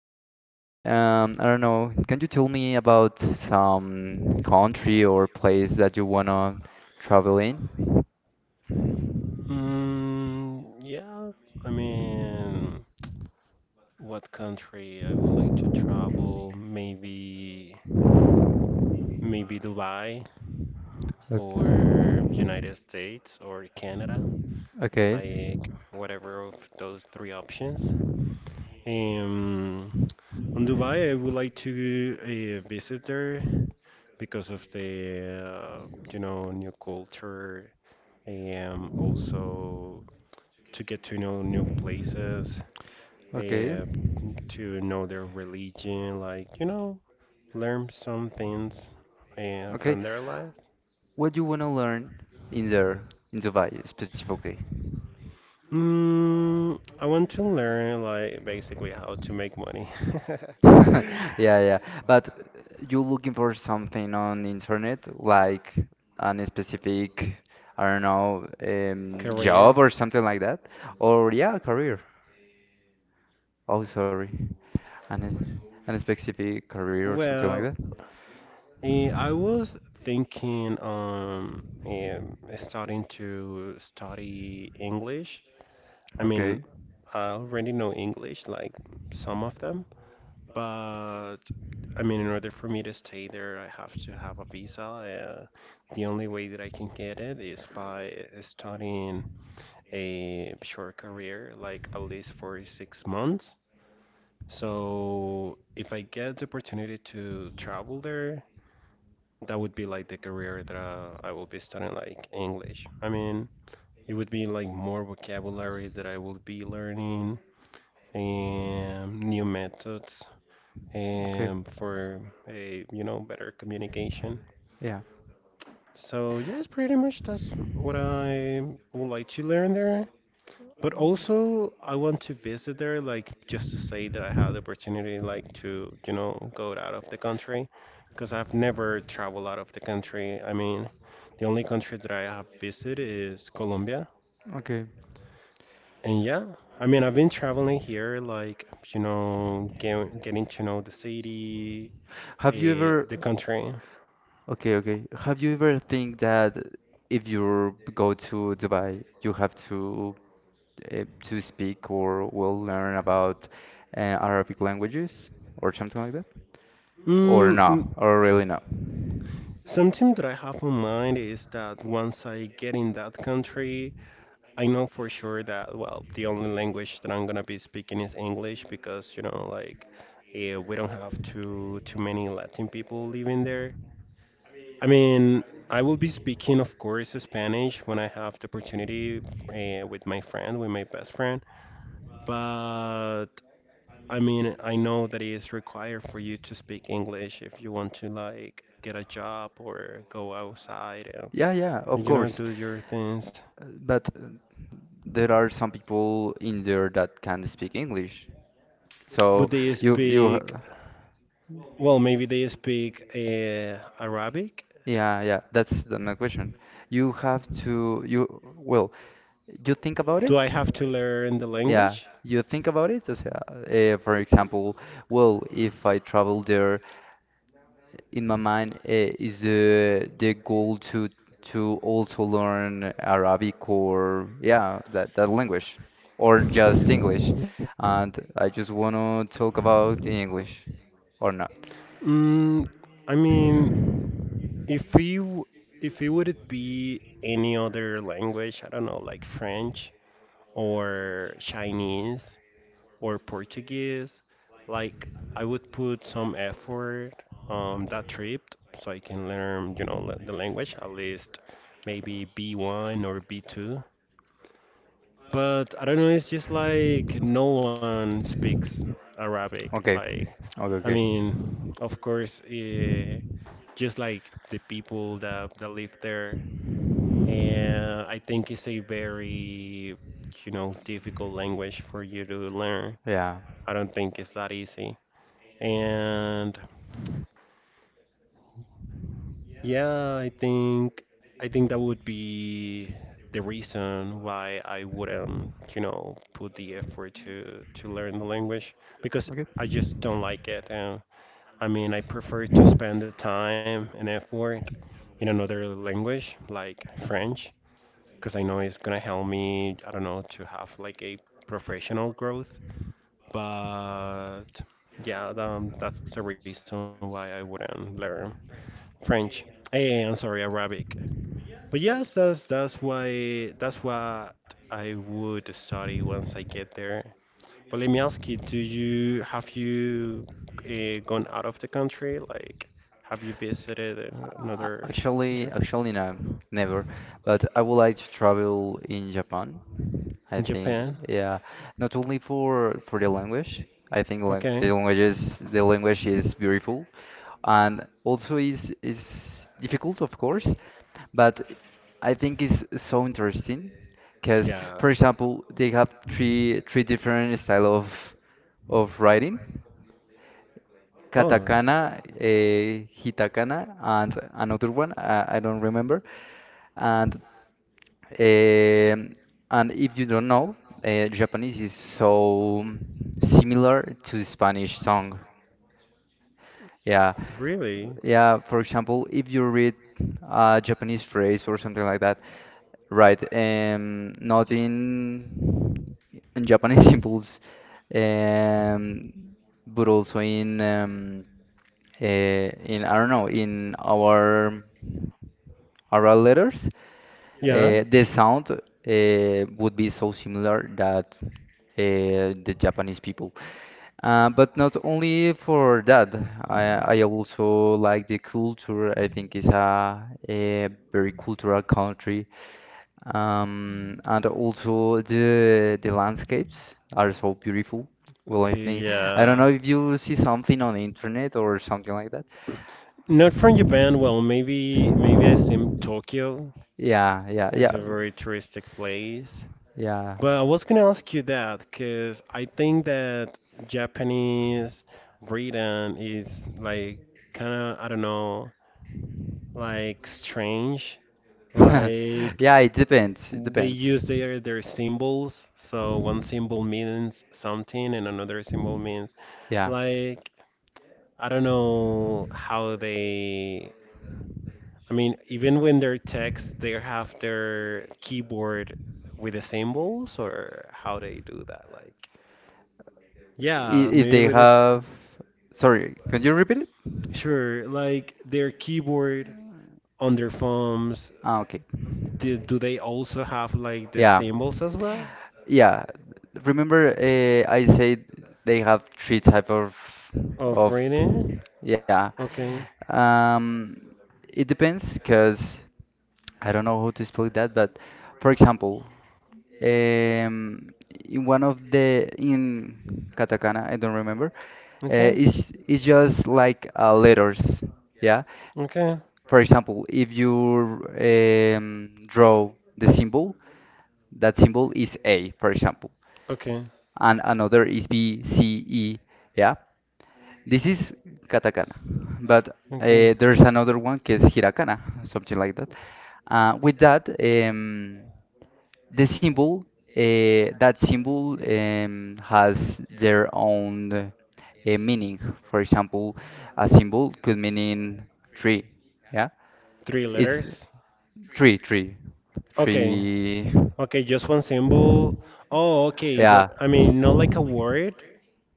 Gabriel, I don't know, can you tell me about some country or place that you wanna travel in? Mm, yeah, I mean, what country I would like to travel? Maybe Dubai Ok- or United States or Canada, Okay, like whatever of those three options. Um, on Dubai, I would like to visit there because of the new culture. Also. To get to know new places, okay, uh, to know their religion, like, you know, learn some things okay. from their life. What do you wanna learn in there, in Dubai specifically? Mm, I want to learn, like, basically how to make money. Yeah, yeah. But you looking for something on the internet, like an specific, I don't know, Career. job or something like that? Or yeah, career. Oh, sorry. An, an specific career or something like that? Well, I was thinking starting to study English. I Okay. mean, I already know English, like some of them, but I mean, in order for me to stay there, I have to have a visa. The only way that I can get it is by studying a short career, like at least for 6 months. So if I get the opportunity to travel there, that would be like the career that I will be studying, like English. I mean, it would be like more vocabulary that I will be learning and new methods Okay. and for a better communication. Yeah. So, yes, pretty much that's what I would like to learn there. But also, I want to visit there, like just to say that I had the opportunity, like to, you know, go out of the country, because I've never traveled out of the country. I mean, the only country that I have visited is Colombia. Okay. And yeah, I mean, I've been traveling here, like, you know, getting to know the city, Have you ever, the country. okay, okay. Have you ever think that if you go to Dubai, you have to speak or will learn about Arabic languages or something like that? Or Mm, no? mm, Or really no? Something that I have in mind is that once I get in that country, I know for sure that, well, the only language that I'm gonna be speaking is English because, you know, like we don't have too many Latin people living there. I mean, I will be speaking, of course, Spanish when I have the opportunity with my friend, with my best friend. But I mean, I know that it is required for you to speak English if you want to like get a job or go outside and, Yeah, yeah, of you know, course. do your things. But there are some people in there that can speak English. So But they you you h- speak. Well, maybe they speak Arabic. yeah, yeah, that's the next question. You have to you well, you think about it. Do I have to learn the Yeah, language? you think about it. O sea, eh, for example, well, if I travel there in my mind is the goal to also learn Arabic, or yeah, that language, or just English, and I just want to talk about English or not. Mm, I mean, if you if it would be any other language, I don't know, like French, or Chinese or Portuguese. Like I would put some effort on that trip so I can learn, you know, the language at least maybe B1 or B2. But I don't know, it's just like no one speaks Arabic. Okay, Like okay, I okay. mean, of course, just like the people that live there and I think it's a very, you know, difficult language for you to learn. Yeah, I don't think it's that easy. And yeah, I think that would be the reason why I wouldn't, you know, put the effort to learn the language because okay. I just don't like it. And I mean, I prefer to spend the time and effort in another language like French because I know it's gonna help me, I don't know, to have like a professional growth. But yeah, that's the reason why I wouldn't learn French. Hey, I'm sorry, Arabic. But yes, that's why that's what I would study once I get there. But let me ask you, do you have you gone out of the country? Like, have you visited Uh, another Actually, country? actually no, never. But I would like to travel in Japan. I In think, Japan? yeah, not only for the language. I think like Okay. The language is beautiful, and also is difficult, of course. But I think it's so interesting because, Yeah. for example, they have three different style of writing: Oh. katakana, hitakana, and another one I don't remember. And um and if you don't know, Japanese is so similar to Spanish song. Yeah, Really? yeah. For example, if you read a Japanese phrase or something like that, right? Not in Japanese symbols, um, but also in I don't know, in our oral letters, Yeah. The sound would be so similar that the Japanese people. But not only for that, I also like the culture. I think it's a very cultural country, and also the landscapes are so beautiful. Well, I Okay, think I don't yeah. know if you see something on the internet or something like that. Not from Japan. Well, maybe I assume Tokyo. Yeah, yeah, yeah, It's a very touristic place. yeah. But I was gonna ask you that because I think that Japanese written is like kind of I don't know like strange, like Yeah, it depends. It they depends. use their symbols. So one symbol means something, and another symbol means Yeah. like I don't know how they. I mean, even when they're text, they have their keyboard with the symbols, or how they do that. Like, yeah, If maybe they with this. have, sorry, can you repeat it? Sure, like their keyboard on their phones. Ah, okay. Do, do they also have like the Yeah. symbols as well Yeah, remember, I said they have three type of of of reading? yeah. Okay, Um, it depends because I don't know how to explain that, but for example, um, in one of the in katakana, I don't remember. Okay, It's just like letters, yeah. okay, For example, if you draw the symbol, that symbol is A, for example, okay, and another is BCE. Yeah, this is katakana, but okay. There's another one que es hiragana, something like that. With that, the symbol, that symbol has their own meaning. For example, a symbol could mean in tree. Yeah, Three it's letters. tree, tree, Okay, tree. okay, just one symbol. Oh, okay, but Yeah. I mean not like a word,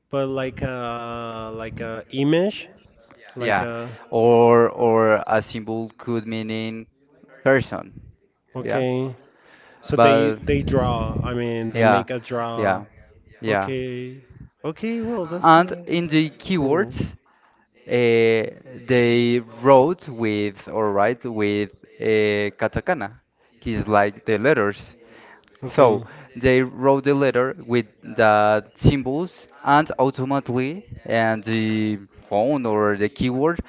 but like a image, like Yeah, a. or a symbol could mean in person. Yeah, Okay. So but they draw. I mean, they yeah, make a draw. yeah, yeah. Okay. Okay. Well, that's And kind of in the cool. keywords, they wrote with or write with katakana, is like the letters. So Okay. they wrote the letter with the symbols, and ultimately, and the phone or the keyword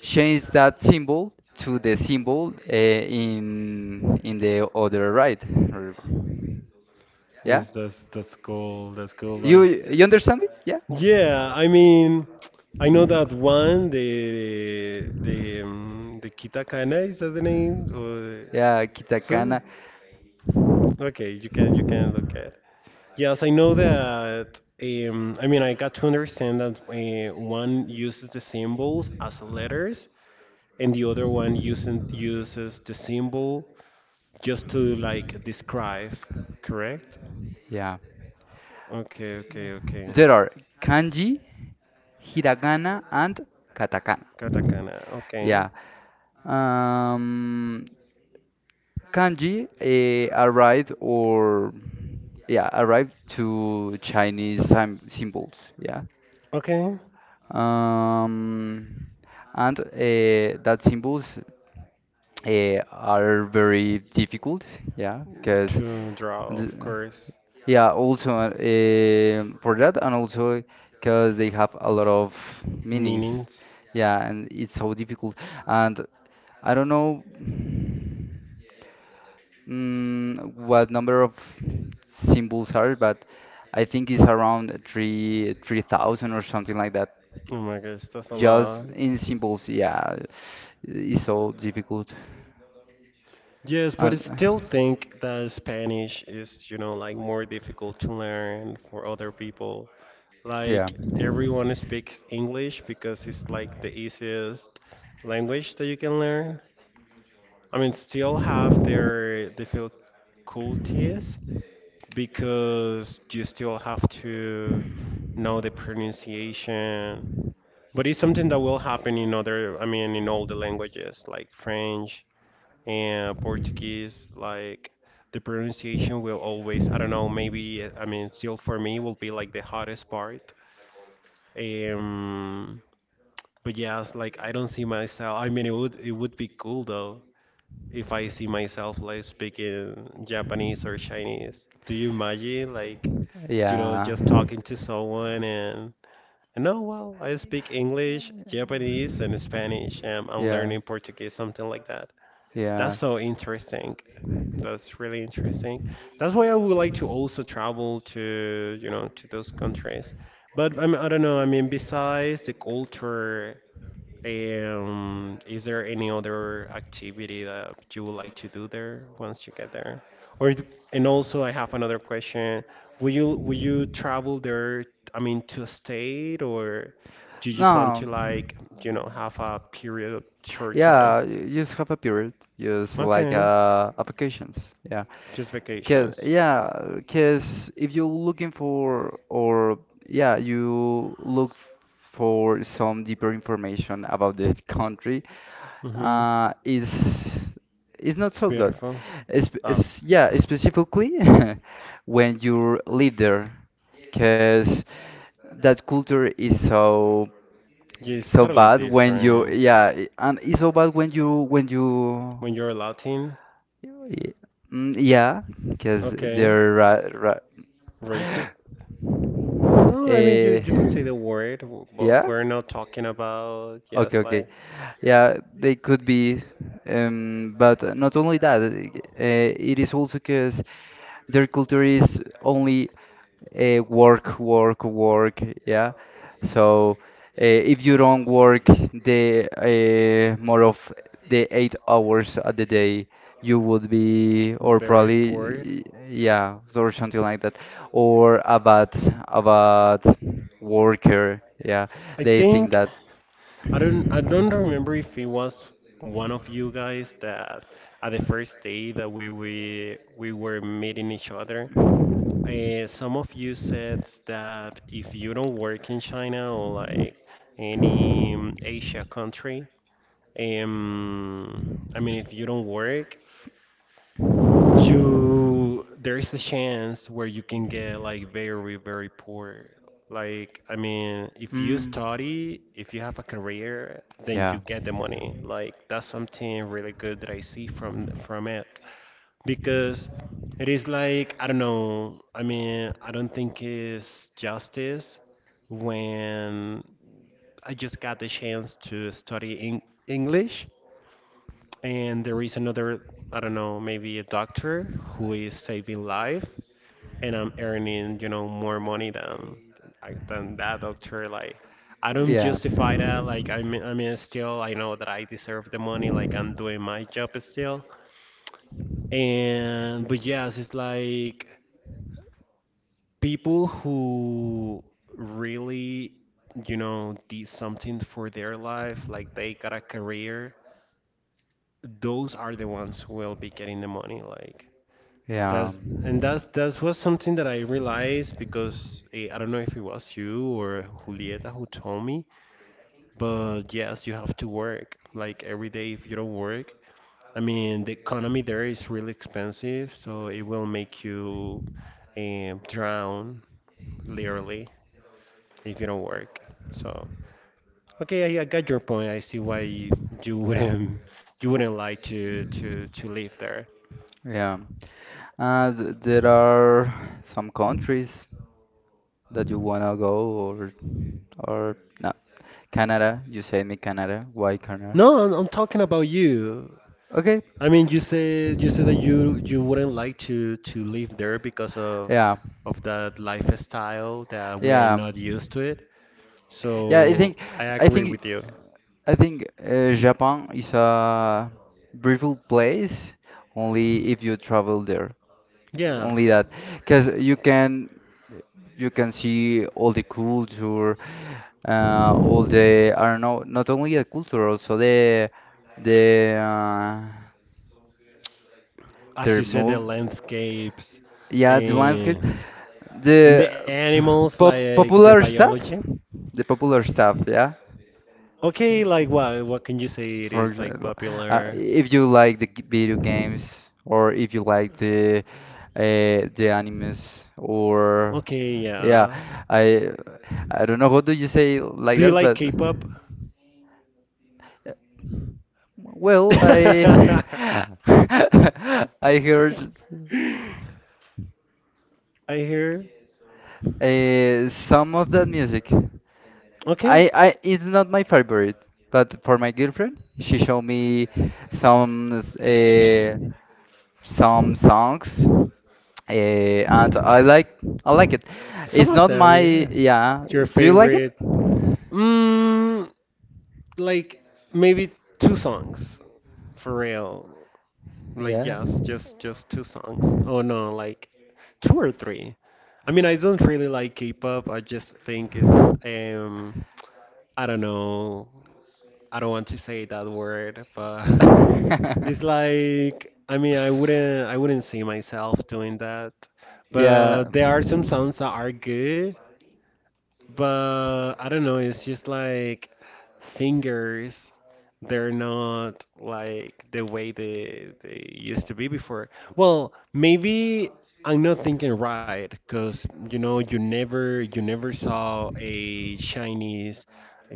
change that symbol to the symbol in the other right. or- yeah, Yes, that's cool. That's cool. you Like, you understand me? Yeah, yeah. I mean, I know that one. The the Kitakana is that the name? Or the, yeah, so katakana. okay, you can look at. Yes, I know that. I mean, I got to understand that one uses the symbols as letters, and the other one uses the symbol just to like describe, correct? Yeah, Okay. there are kanji, hiragana, and katakana. Katakana. Okay, Yeah, um, kanji arrived or yeah, arrived to Chinese symbols. Yeah. okay. Um, and that symbols are very difficult, yeah, because To draw, of course. yeah, also for that, and also because they have a lot of meanings, Meanings. yeah, and it's so difficult. And I don't know, what number of symbols are, but I think it's around three thousand or something like that. Oh my gosh, that's a Just lot. in symbols, yeah, it's so difficult. Yes, but I And still think that Spanish is, you know, like more difficult to learn for other people. yeah, Like everyone speaks English because it's like the easiest language that you can learn. I mean, still have their difficulties because you still have to know the pronunciation. But it's something that will happen in other, I mean, in all the languages like French, and Portuguese, like the pronunciation will always, I don't know, maybe, I mean, still for me will be like the hardest part. Um, but yes, like I don't see myself. I mean, it would be cool though if I see myself like speaking Japanese or Chinese. Do you imagine like you know yeah, just talking to someone and oh well, I speak English, Japanese, and Spanish, and I'm learning yeah, Portuguese, something like that. That's yeah. so interesting. That's really interesting. That's why I would like to also travel to, you know, to those countries. But I mean, I don't know. I mean, besides the culture, is there any other activity that you would like to do there once you get there? Or, d- and also, I have another question. Will you travel there? I mean, to stay, or do you just want No, to like, you know, have a period of short time? yeah, you just have a period, just like Okay. Applications. Just Cause vacations. yeah, cause if you're looking for or yeah, you look for some deeper information about the country, Hmm. uh, is is not It's so good. beautiful. Oh, yeah, Yeah, specifically when you live there, cause that culture is so it's so totally bad when you different. yeah, and it's so bad when you when you. When you're Latin, y- Yeah, because okay, they're ra. race it. No, I mean Eh, you can say the word, but yeah. we're not talking about Okay, yes, okay. like Yeah, they could be, but not only that, it is also because their culture is only work, work, work. Yeah. So if you don't work the more of the 8 hours at the day, you would be, or very poor. probably, yeah, or something like that, or a bad worker. Yeah, I they think think that. I don't remember if it was one of you guys that at the first day that we were meeting each other. Some of you said that if you don't work in China or like any Asia country, I mean if you don't work, you there is a chance where you can get like very poor, like I mean if you Mm, study if you have a career then yeah, you get the money, like that's something really good that I see from it because it is like I don't know, I mean I don't think it's justice when I just got the chance to study in English and there is another I don't know maybe a doctor who is saving life and I'm earning you know more money than than that doctor, like I don't yeah. justify that, like I mean still I know that I deserve the money, like I'm doing my job still. And but yes it's like people who really you know did something for their life like they got a career, those are the ones who will be getting the money like Yeah, that's and that's that was something that I realized because I don't know if it was you or Julieta who told me, but yes, you have to work like every day if you don't work. I mean, the economy there is really expensive, so it will make you drown literally if you don't work. So, okay, I got your point. I see why you, you yeah, wouldn't you wouldn't like to to live there. yeah. And there are some countries that you wanna go or no. Canada, you said me Canada. Why Canada? No, I'm talking about you. Okay. I mean, you said that you wouldn't like to live there because of Yeah, that lifestyle that we are yeah, not used to it. yeah. So I I agree think, with you. I think Japan is a beautiful place only if you travel there. Yeah. Only that, because you can see all the culture, all the I don't know, not only the culture, also the As their you said, the move, landscapes yeah, the landscape, and and the the animals, like the popular stuff, biology. Yeah. Okay, like what can you say it For is like example, popular? if you like the video games, or if you like the animes, or Okay, yeah, yeah. I I don't know how do you say like Do you that, like but. K-pop? Well, I I I heard hear. Some of that music. Okay. I it's not my favorite, but for my girlfriend, she showed me some uh, some songs, and I like it. Some It's of not them, my. yeah. Yeah. Your Do you like it? favorite? Mm, like maybe two songs for real. Like Yeah. yes, just two songs. Oh no, like two or three. I mean, I don't really like K-pop. I just think it's I don't know. I don't want to say that word, but it's like I mean, I wouldn't see myself doing that. But Yeah. there are some songs that are good, but I don't know, it's just like singers, they're not like the way they used to be before. Well, maybe I'm not thinking right, because you know you never saw a Chinese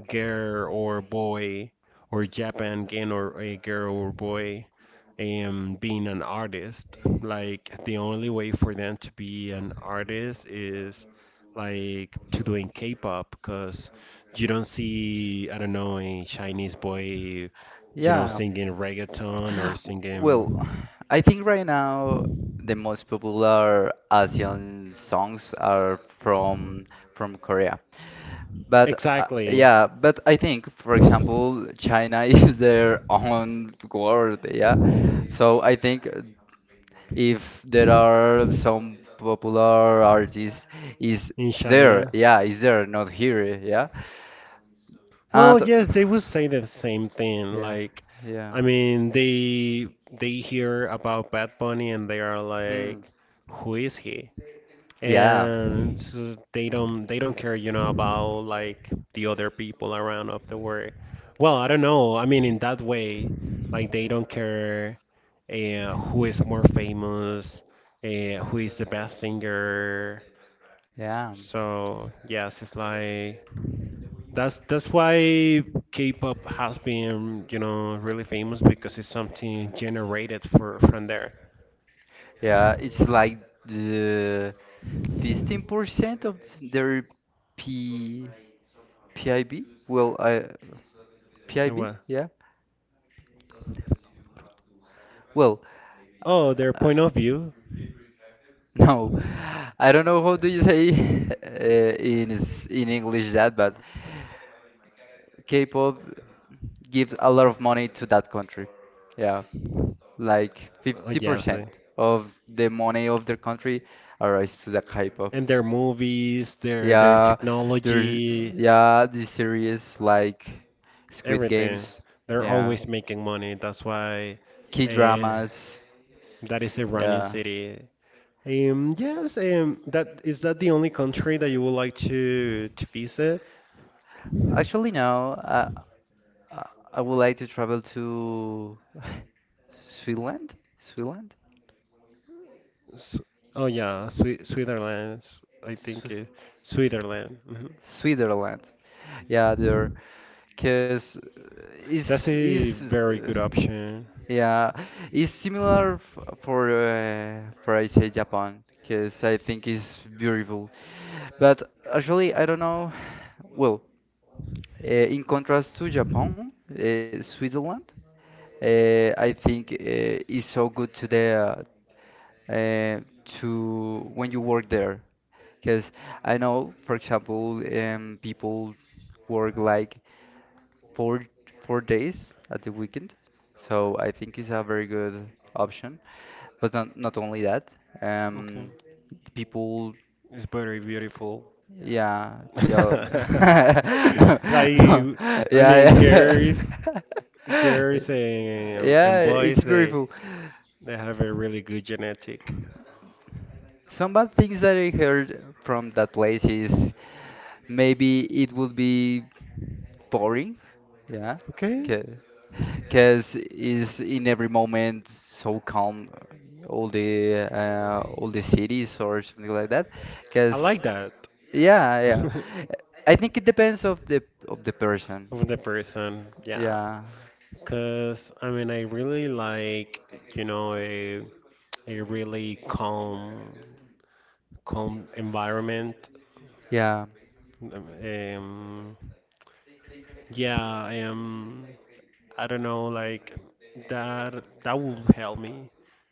girl or boy or Japan girl or a girl or boy being an artist. Like the only way for them to be an artist is like to doing K-pop, because you don't see, I don't know, a Chinese boy, you know, Yeah. singing reggaeton or Well, singing. I think right now the most popular Asian songs are from Korea. But Exactly. Exactly. Yeah, but I think, for example, China is their own world, yeah. So I think if there are some popular artists is In there, China. yeah, is there not here. Yeah, Well, and yes, they would say the same thing. yeah, Like, yeah. I mean, they hear about Bad Bunny and they are Hmm, like, "Who is he?" yeah, And so they don't care, you know, about like the other people around of the world. Well, I don't know, I mean, in that way, like they don't care, who is more famous, who is the best singer. yeah, So yes, it's like that's why K-pop has been, you know, really famous because it's something generated for from there. yeah, it's like the 15% of their p pib, well, I pib, Well, yeah. Well, oh, their uh, point of view. no, I don't know how do you say in in English that, but K-pop gives a lot of money to that country. Yeah, like Oh, yes. 50% Eh. of the money of their country arrives to the K-pop. And their movies, their Yeah, there's technology, yeah, these series like Squid everything. Games. They're Yeah, always making money. That's why uh, K-dramas. that is a running Yeah. city. Yes, that is that the only country that you would like to visit? Actually, no. Uh, I would like to travel to Switzerland, Switzerland, S, oh yeah, Swi Switzerland. I think Swi- it, Switzerland. Mhm. Switzerland. Yeah, there, cause That's a is very uh, good option. yeah, it's similar f for I say Japan, cause I think it's beautiful. But actually, I don't know. Well, in contrast to Japan, Switzerland, I think is so good to the to when you work there. Because I know, for example, people work like four four days at the weekend, so I think it's a very good option. But not not only that, Okay, um, people, it's very beautiful. yeah, yeah, Like, no, I yeah, mean, yeah, girls, girls and yeah, boys, it's beautiful. they have a really good genetic. Some bad things that I heard from that place is maybe it would be boring, yeah, Okay, because it's in every moment so calm, all the cities or something like that. I Because like that. yeah, yeah, I think it depends of the person. Of the person, yeah. Yeah, Cause I mean, I really like, you know, a really calm, calm environment. yeah. Um, yeah, I am. I don't know, like that that will help me.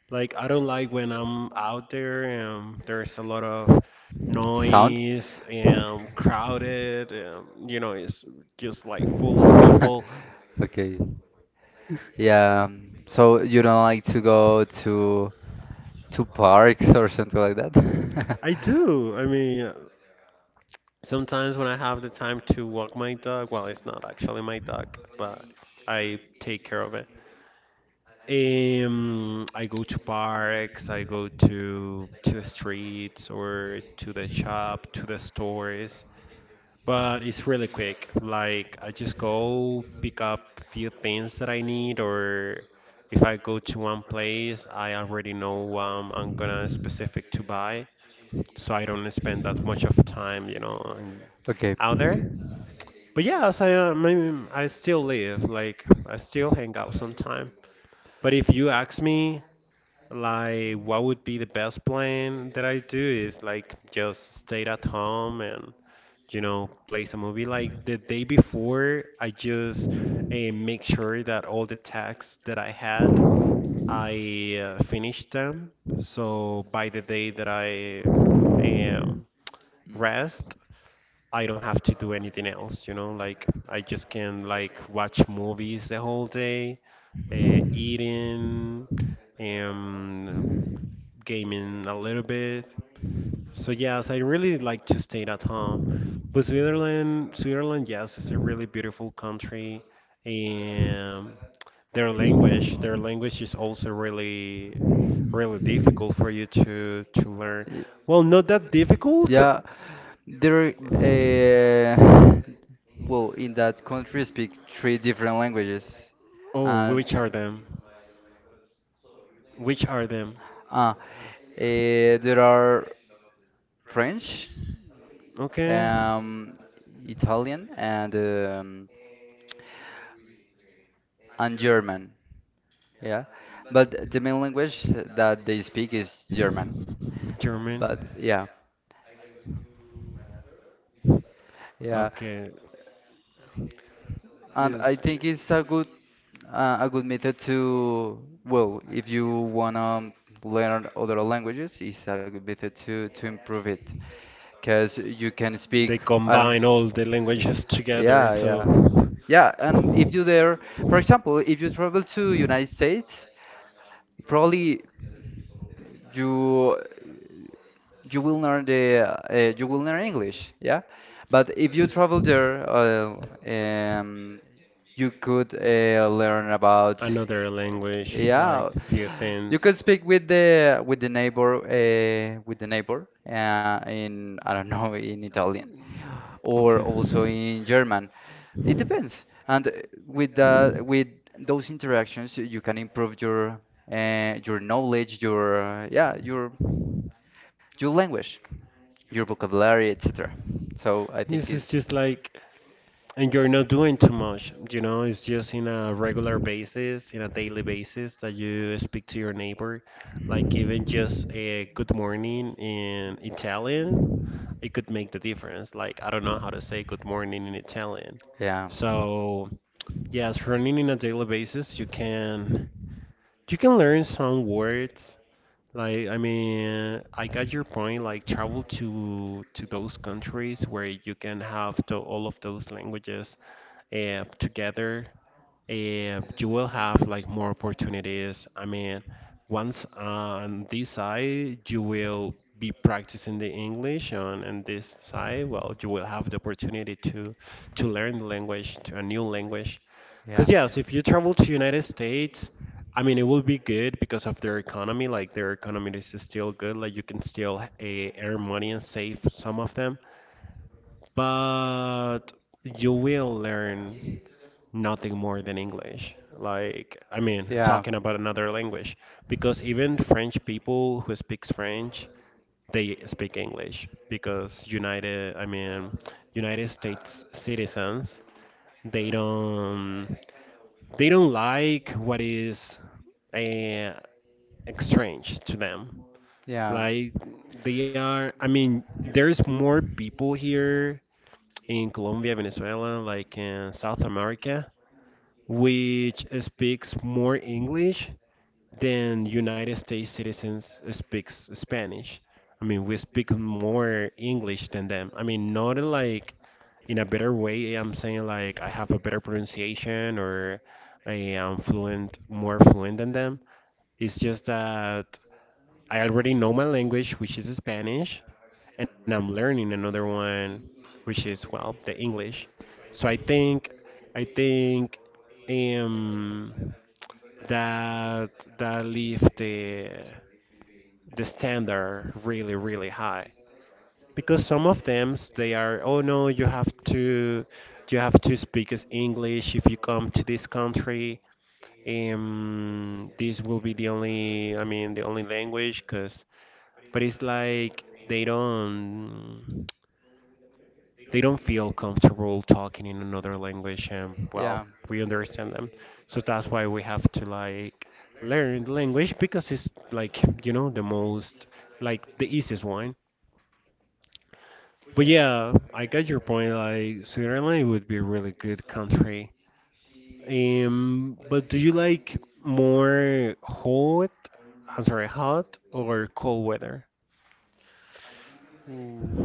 Like I don't like when I'm out there and there's a lot of Sound? noise and crowded and you know it's just like full of people. Okay. Yeah. So you don't like to go to parks or something like that? I do. I mean, sometimes when I have the time to walk my dog, well, it's not actually my dog, but I take care of it. I go to parks, I go to the streets or to the shop, to the stores, but it's really quick. Like I just go pick up few things that I need, or if I go to one place, I already know I'm gonna specific to buy, so I don't spend that much of time, you know, and Okay. out there. But yeah, so I mean, I still live, like I still hang out sometime. But if you ask me, like, what would be the best plan that I do is like just stay at home and, you know, play some movie. Like the day before, I just make sure that all the tasks that I had, I finished them. So by the day that I um, rest, I don't have to do anything else, you know, like I just can like watch movies the whole day, eating, um, gaming a little bit. So yes, I really like to stay at home. But Switzerland, Switzerland, yes, it's a really beautiful country, and their language is also really, really difficult for you to learn. Y- Well, not that difficult. Yeah. There, well, in that country speak three different languages, Oh, and which are them? Which are them? ah, there are French, Okay, um, Italian, and German. Yeah, but the main language that they speak is German. But German. yeah, yeah, Okay, and I yes. Ge- think it's a good method to, well, if you wanna learn other languages, it's a good method to improve it, cause you can speak. They I don't, combine all the languages together, yeah, yeah. so Yeah, and if you there, for example, if you travel to United States, probably you you will learn the you will learn English, yeah. But if you travel there, um, you could learn about, another language, yeah, like few you could things. speak with the neighbor, in I don't know, in Italian or Okay. also in German. It depends. And with the with those interactions, you can improve your yeah, your language, your vocabulary, etc. So I think Yes, it's it's just like, and you're not doing too much, you know, it's just in a regular basis, in a daily basis that you speak to your neighbor. Like, even just a good morning in Italian, it could make the difference. Like, I don't know how to say good morning in Italian. yeah, So, yes, running in a daily basis, you can learn some words like, I mean, I got your point. Like, travel to those countries where you can have the, all of those languages together. You will have like more opportunities. I mean, once on this side, you will be practicing the English, and on this side, well, you will have the opportunity to learn the language, to a new language. yeah, Because yeah, yes, if you travel to United States, I mean, it will be good because of their economy. Like their economy is still good. Like you can still earn money and save some of them. But you will learn nothing more than English. Like I mean, yeah, talking about another language because even French people who speaks French, they speak English because United, I mean, United States citizens, they don't like what is uh, strange to them. yeah. Like they are, I mean, there's more people here in Colombia, Venezuela, like in South America, which speaks more English than United States citizens speaks Spanish. I mean, we speak more English than them. I mean, not in, like in a better way. I'm saying like I have a better pronunciation or I am fluent, more fluent than them. It's just that I already know my language, which is Spanish, and I'm learning another one, which is well, the English. So I think um, that that leaves the standard really, really high because some of them s- they are, oh no, you have to you have to speak as English if you come to this country. This will be the only, I mean, the only language because but it's like they don't feel comfortable talking in another language, and well, we understand them. So that's why we have to like learn the language because it's like, you know, the most like the easiest one. But yeah, I got your point. Like Switzerland would be a really good country. But do you like more hot, I'm sorry, hot or cold weather? Ooh.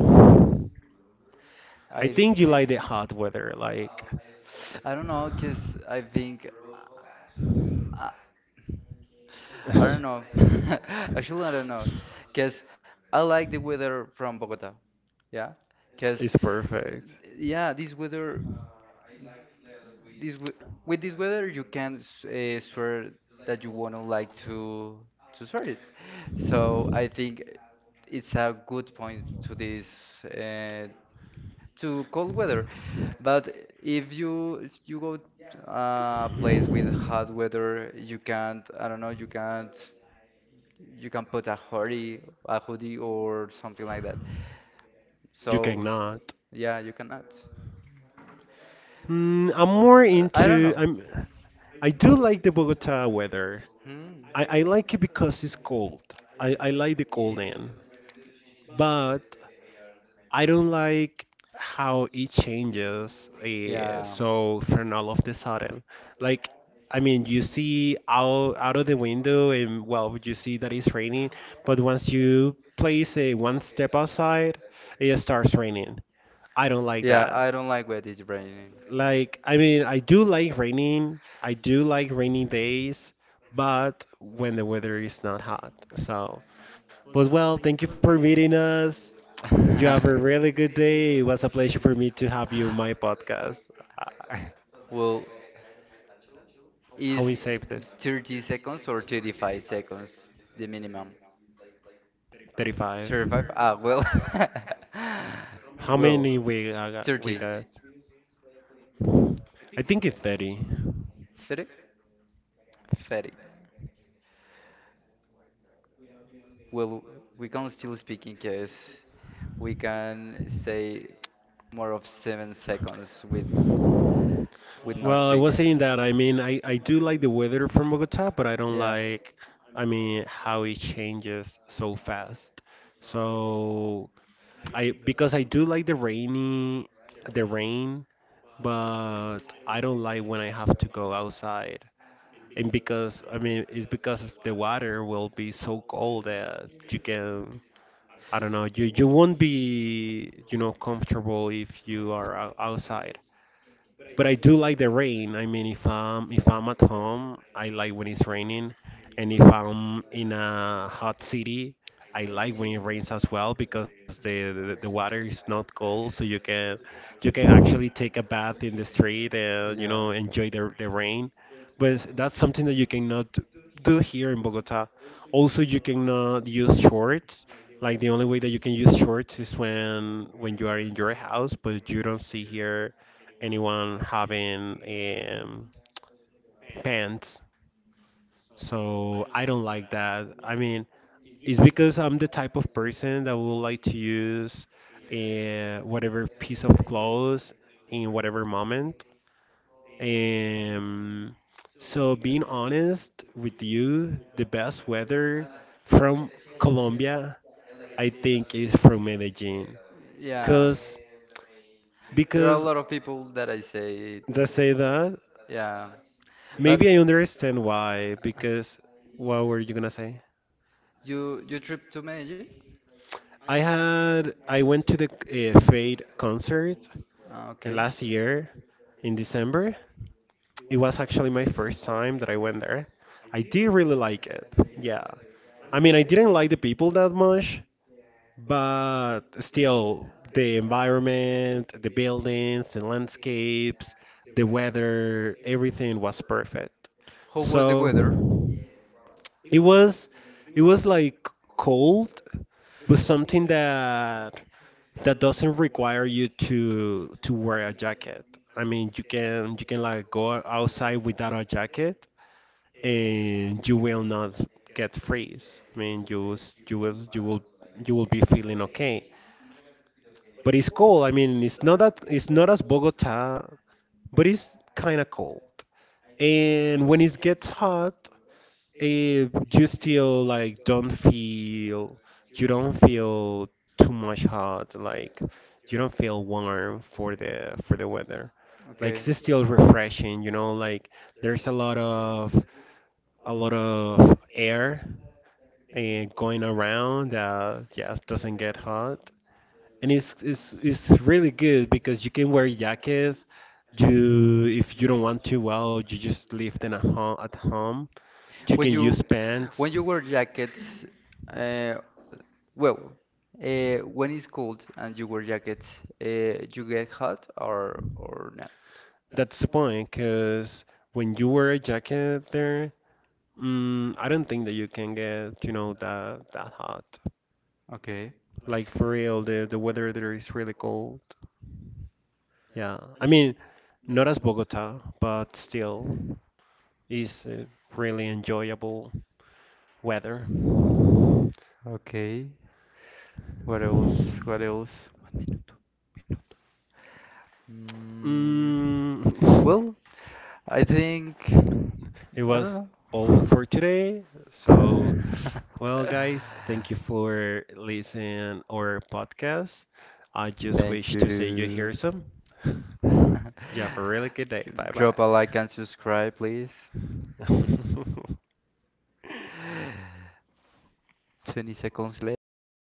I I think you think like the hot weather, like. I don't know, cause I think I, I don't know. Actually, I don't know, cause I like the weather from Bogota. Yeah, because It's perfect. yeah, this weather, this we- with this weather, you can swear that you wanna like to swear it. So I think it's a good point to this uh, to cold weather. But if you go to a place with hot weather, you can't. I don't know. You can't. You can put a hoodie, or something like that. You So, cannot. yeah, you cannot. Mm, I'm more I don't into. know. I'm. I do like the Bogota weather. Hmm. I like it because it's cold. I like the cold end. But I don't like how it changes Yeah. so from all of the sudden. Like, I mean, you see out out of the window, and well, you see that it's raining. But once you place a one step outside, it starts raining. I don't like Yeah, that. I don't like wet is raining. Like, I mean, I do like raining. I do like rainy days, but when the weather is not hot. So. But well, thank you for meeting us. You have a really good day. It was a pleasure for me to have you on my podcast. Uh, Well, How we is save this? 30 seconds or 35 seconds the minimum? 35. 35? Ah, well. How Well, many we I got? We 30. got? I think it's 30. 30? 30. Well, we can still speak in case we can say more of 7 seconds with no Well, I was speaking. saying that I mean I do like the weather from Bogota, but I don't Yeah. like, I mean, how it changes so fast. So I because I do like the rainy the rain, but I don't like when I have to go outside. And because I mean it's because of the water will be so cold that you can, I don't know, you won't be, you know, comfortable if you are ou- outside. But I do like the rain. I mean, if I'm at home, I like when it's raining, and if I'm in a hot city, I like when it rains as well because the water is not cold, so you can actually take a bath in the street and you know Yeah. enjoy the rain. But that's something that you cannot do here in Bogota. Also, you cannot use shorts. Like the only way that you can use shorts is when you are in your house, but you don't see here anyone having pants. So I don't like that. I mean, it's because I'm the type of person that would like to use whatever piece of clothes in whatever moment. Um, so being honest with you, the best weather from Colombia, I think, is from Medellin. Yeah. Cause There are a because lot of people that I say it. they say that Yeah. But maybe I understand why, because what were you gonna say? you you trip to Medellin? I had I went to the Fade concert Ah, okay. last year in December. It was actually my first time that I went there. I did really like it. Yeah. I mean, I didn't like the people that much, but still, the environment, the buildings, the landscapes, the weather, everything was perfect. How was the So weather? it was it was like cold, but something that that doesn't require you to wear a jacket. I mean, you can like go outside without a jacket and you will not get freeze. I mean, you s- you will you will you will be feeling okay. But it's cold. I mean, it's not that it's not as Bogota, but it's kind of cold. And when it gets hot, if you still like don't feel you don't feel too much hot, like you don't feel warm for the weather. Like Okay. it's still refreshing, you know, like there's a lot of air and going around that just doesn't get hot. And it's really good because you can wear jackets. You if you don't want to, well, you just live in a home at home you can When use you pants. when you wear jackets, uh, well, when it's cold and you wear jackets, you get hot or not? That's the point, because when you wear a jacket there, mm, I don't think that you can get, you know, that that hot. Okay. Like for real, the weather there is really cold. Yeah, I mean, not as Bogota, but still is really enjoyable weather. Okay. What else? What else? One minuto. Minuto. Mm, Mm, well, I think it I don't was know. all for today. So, well, guys, thank you for listening our podcast. I just wish Thank to say you you. hear some. You have a really good day. Bye Drop a like and subscribe, please. bye. 20 seconds left.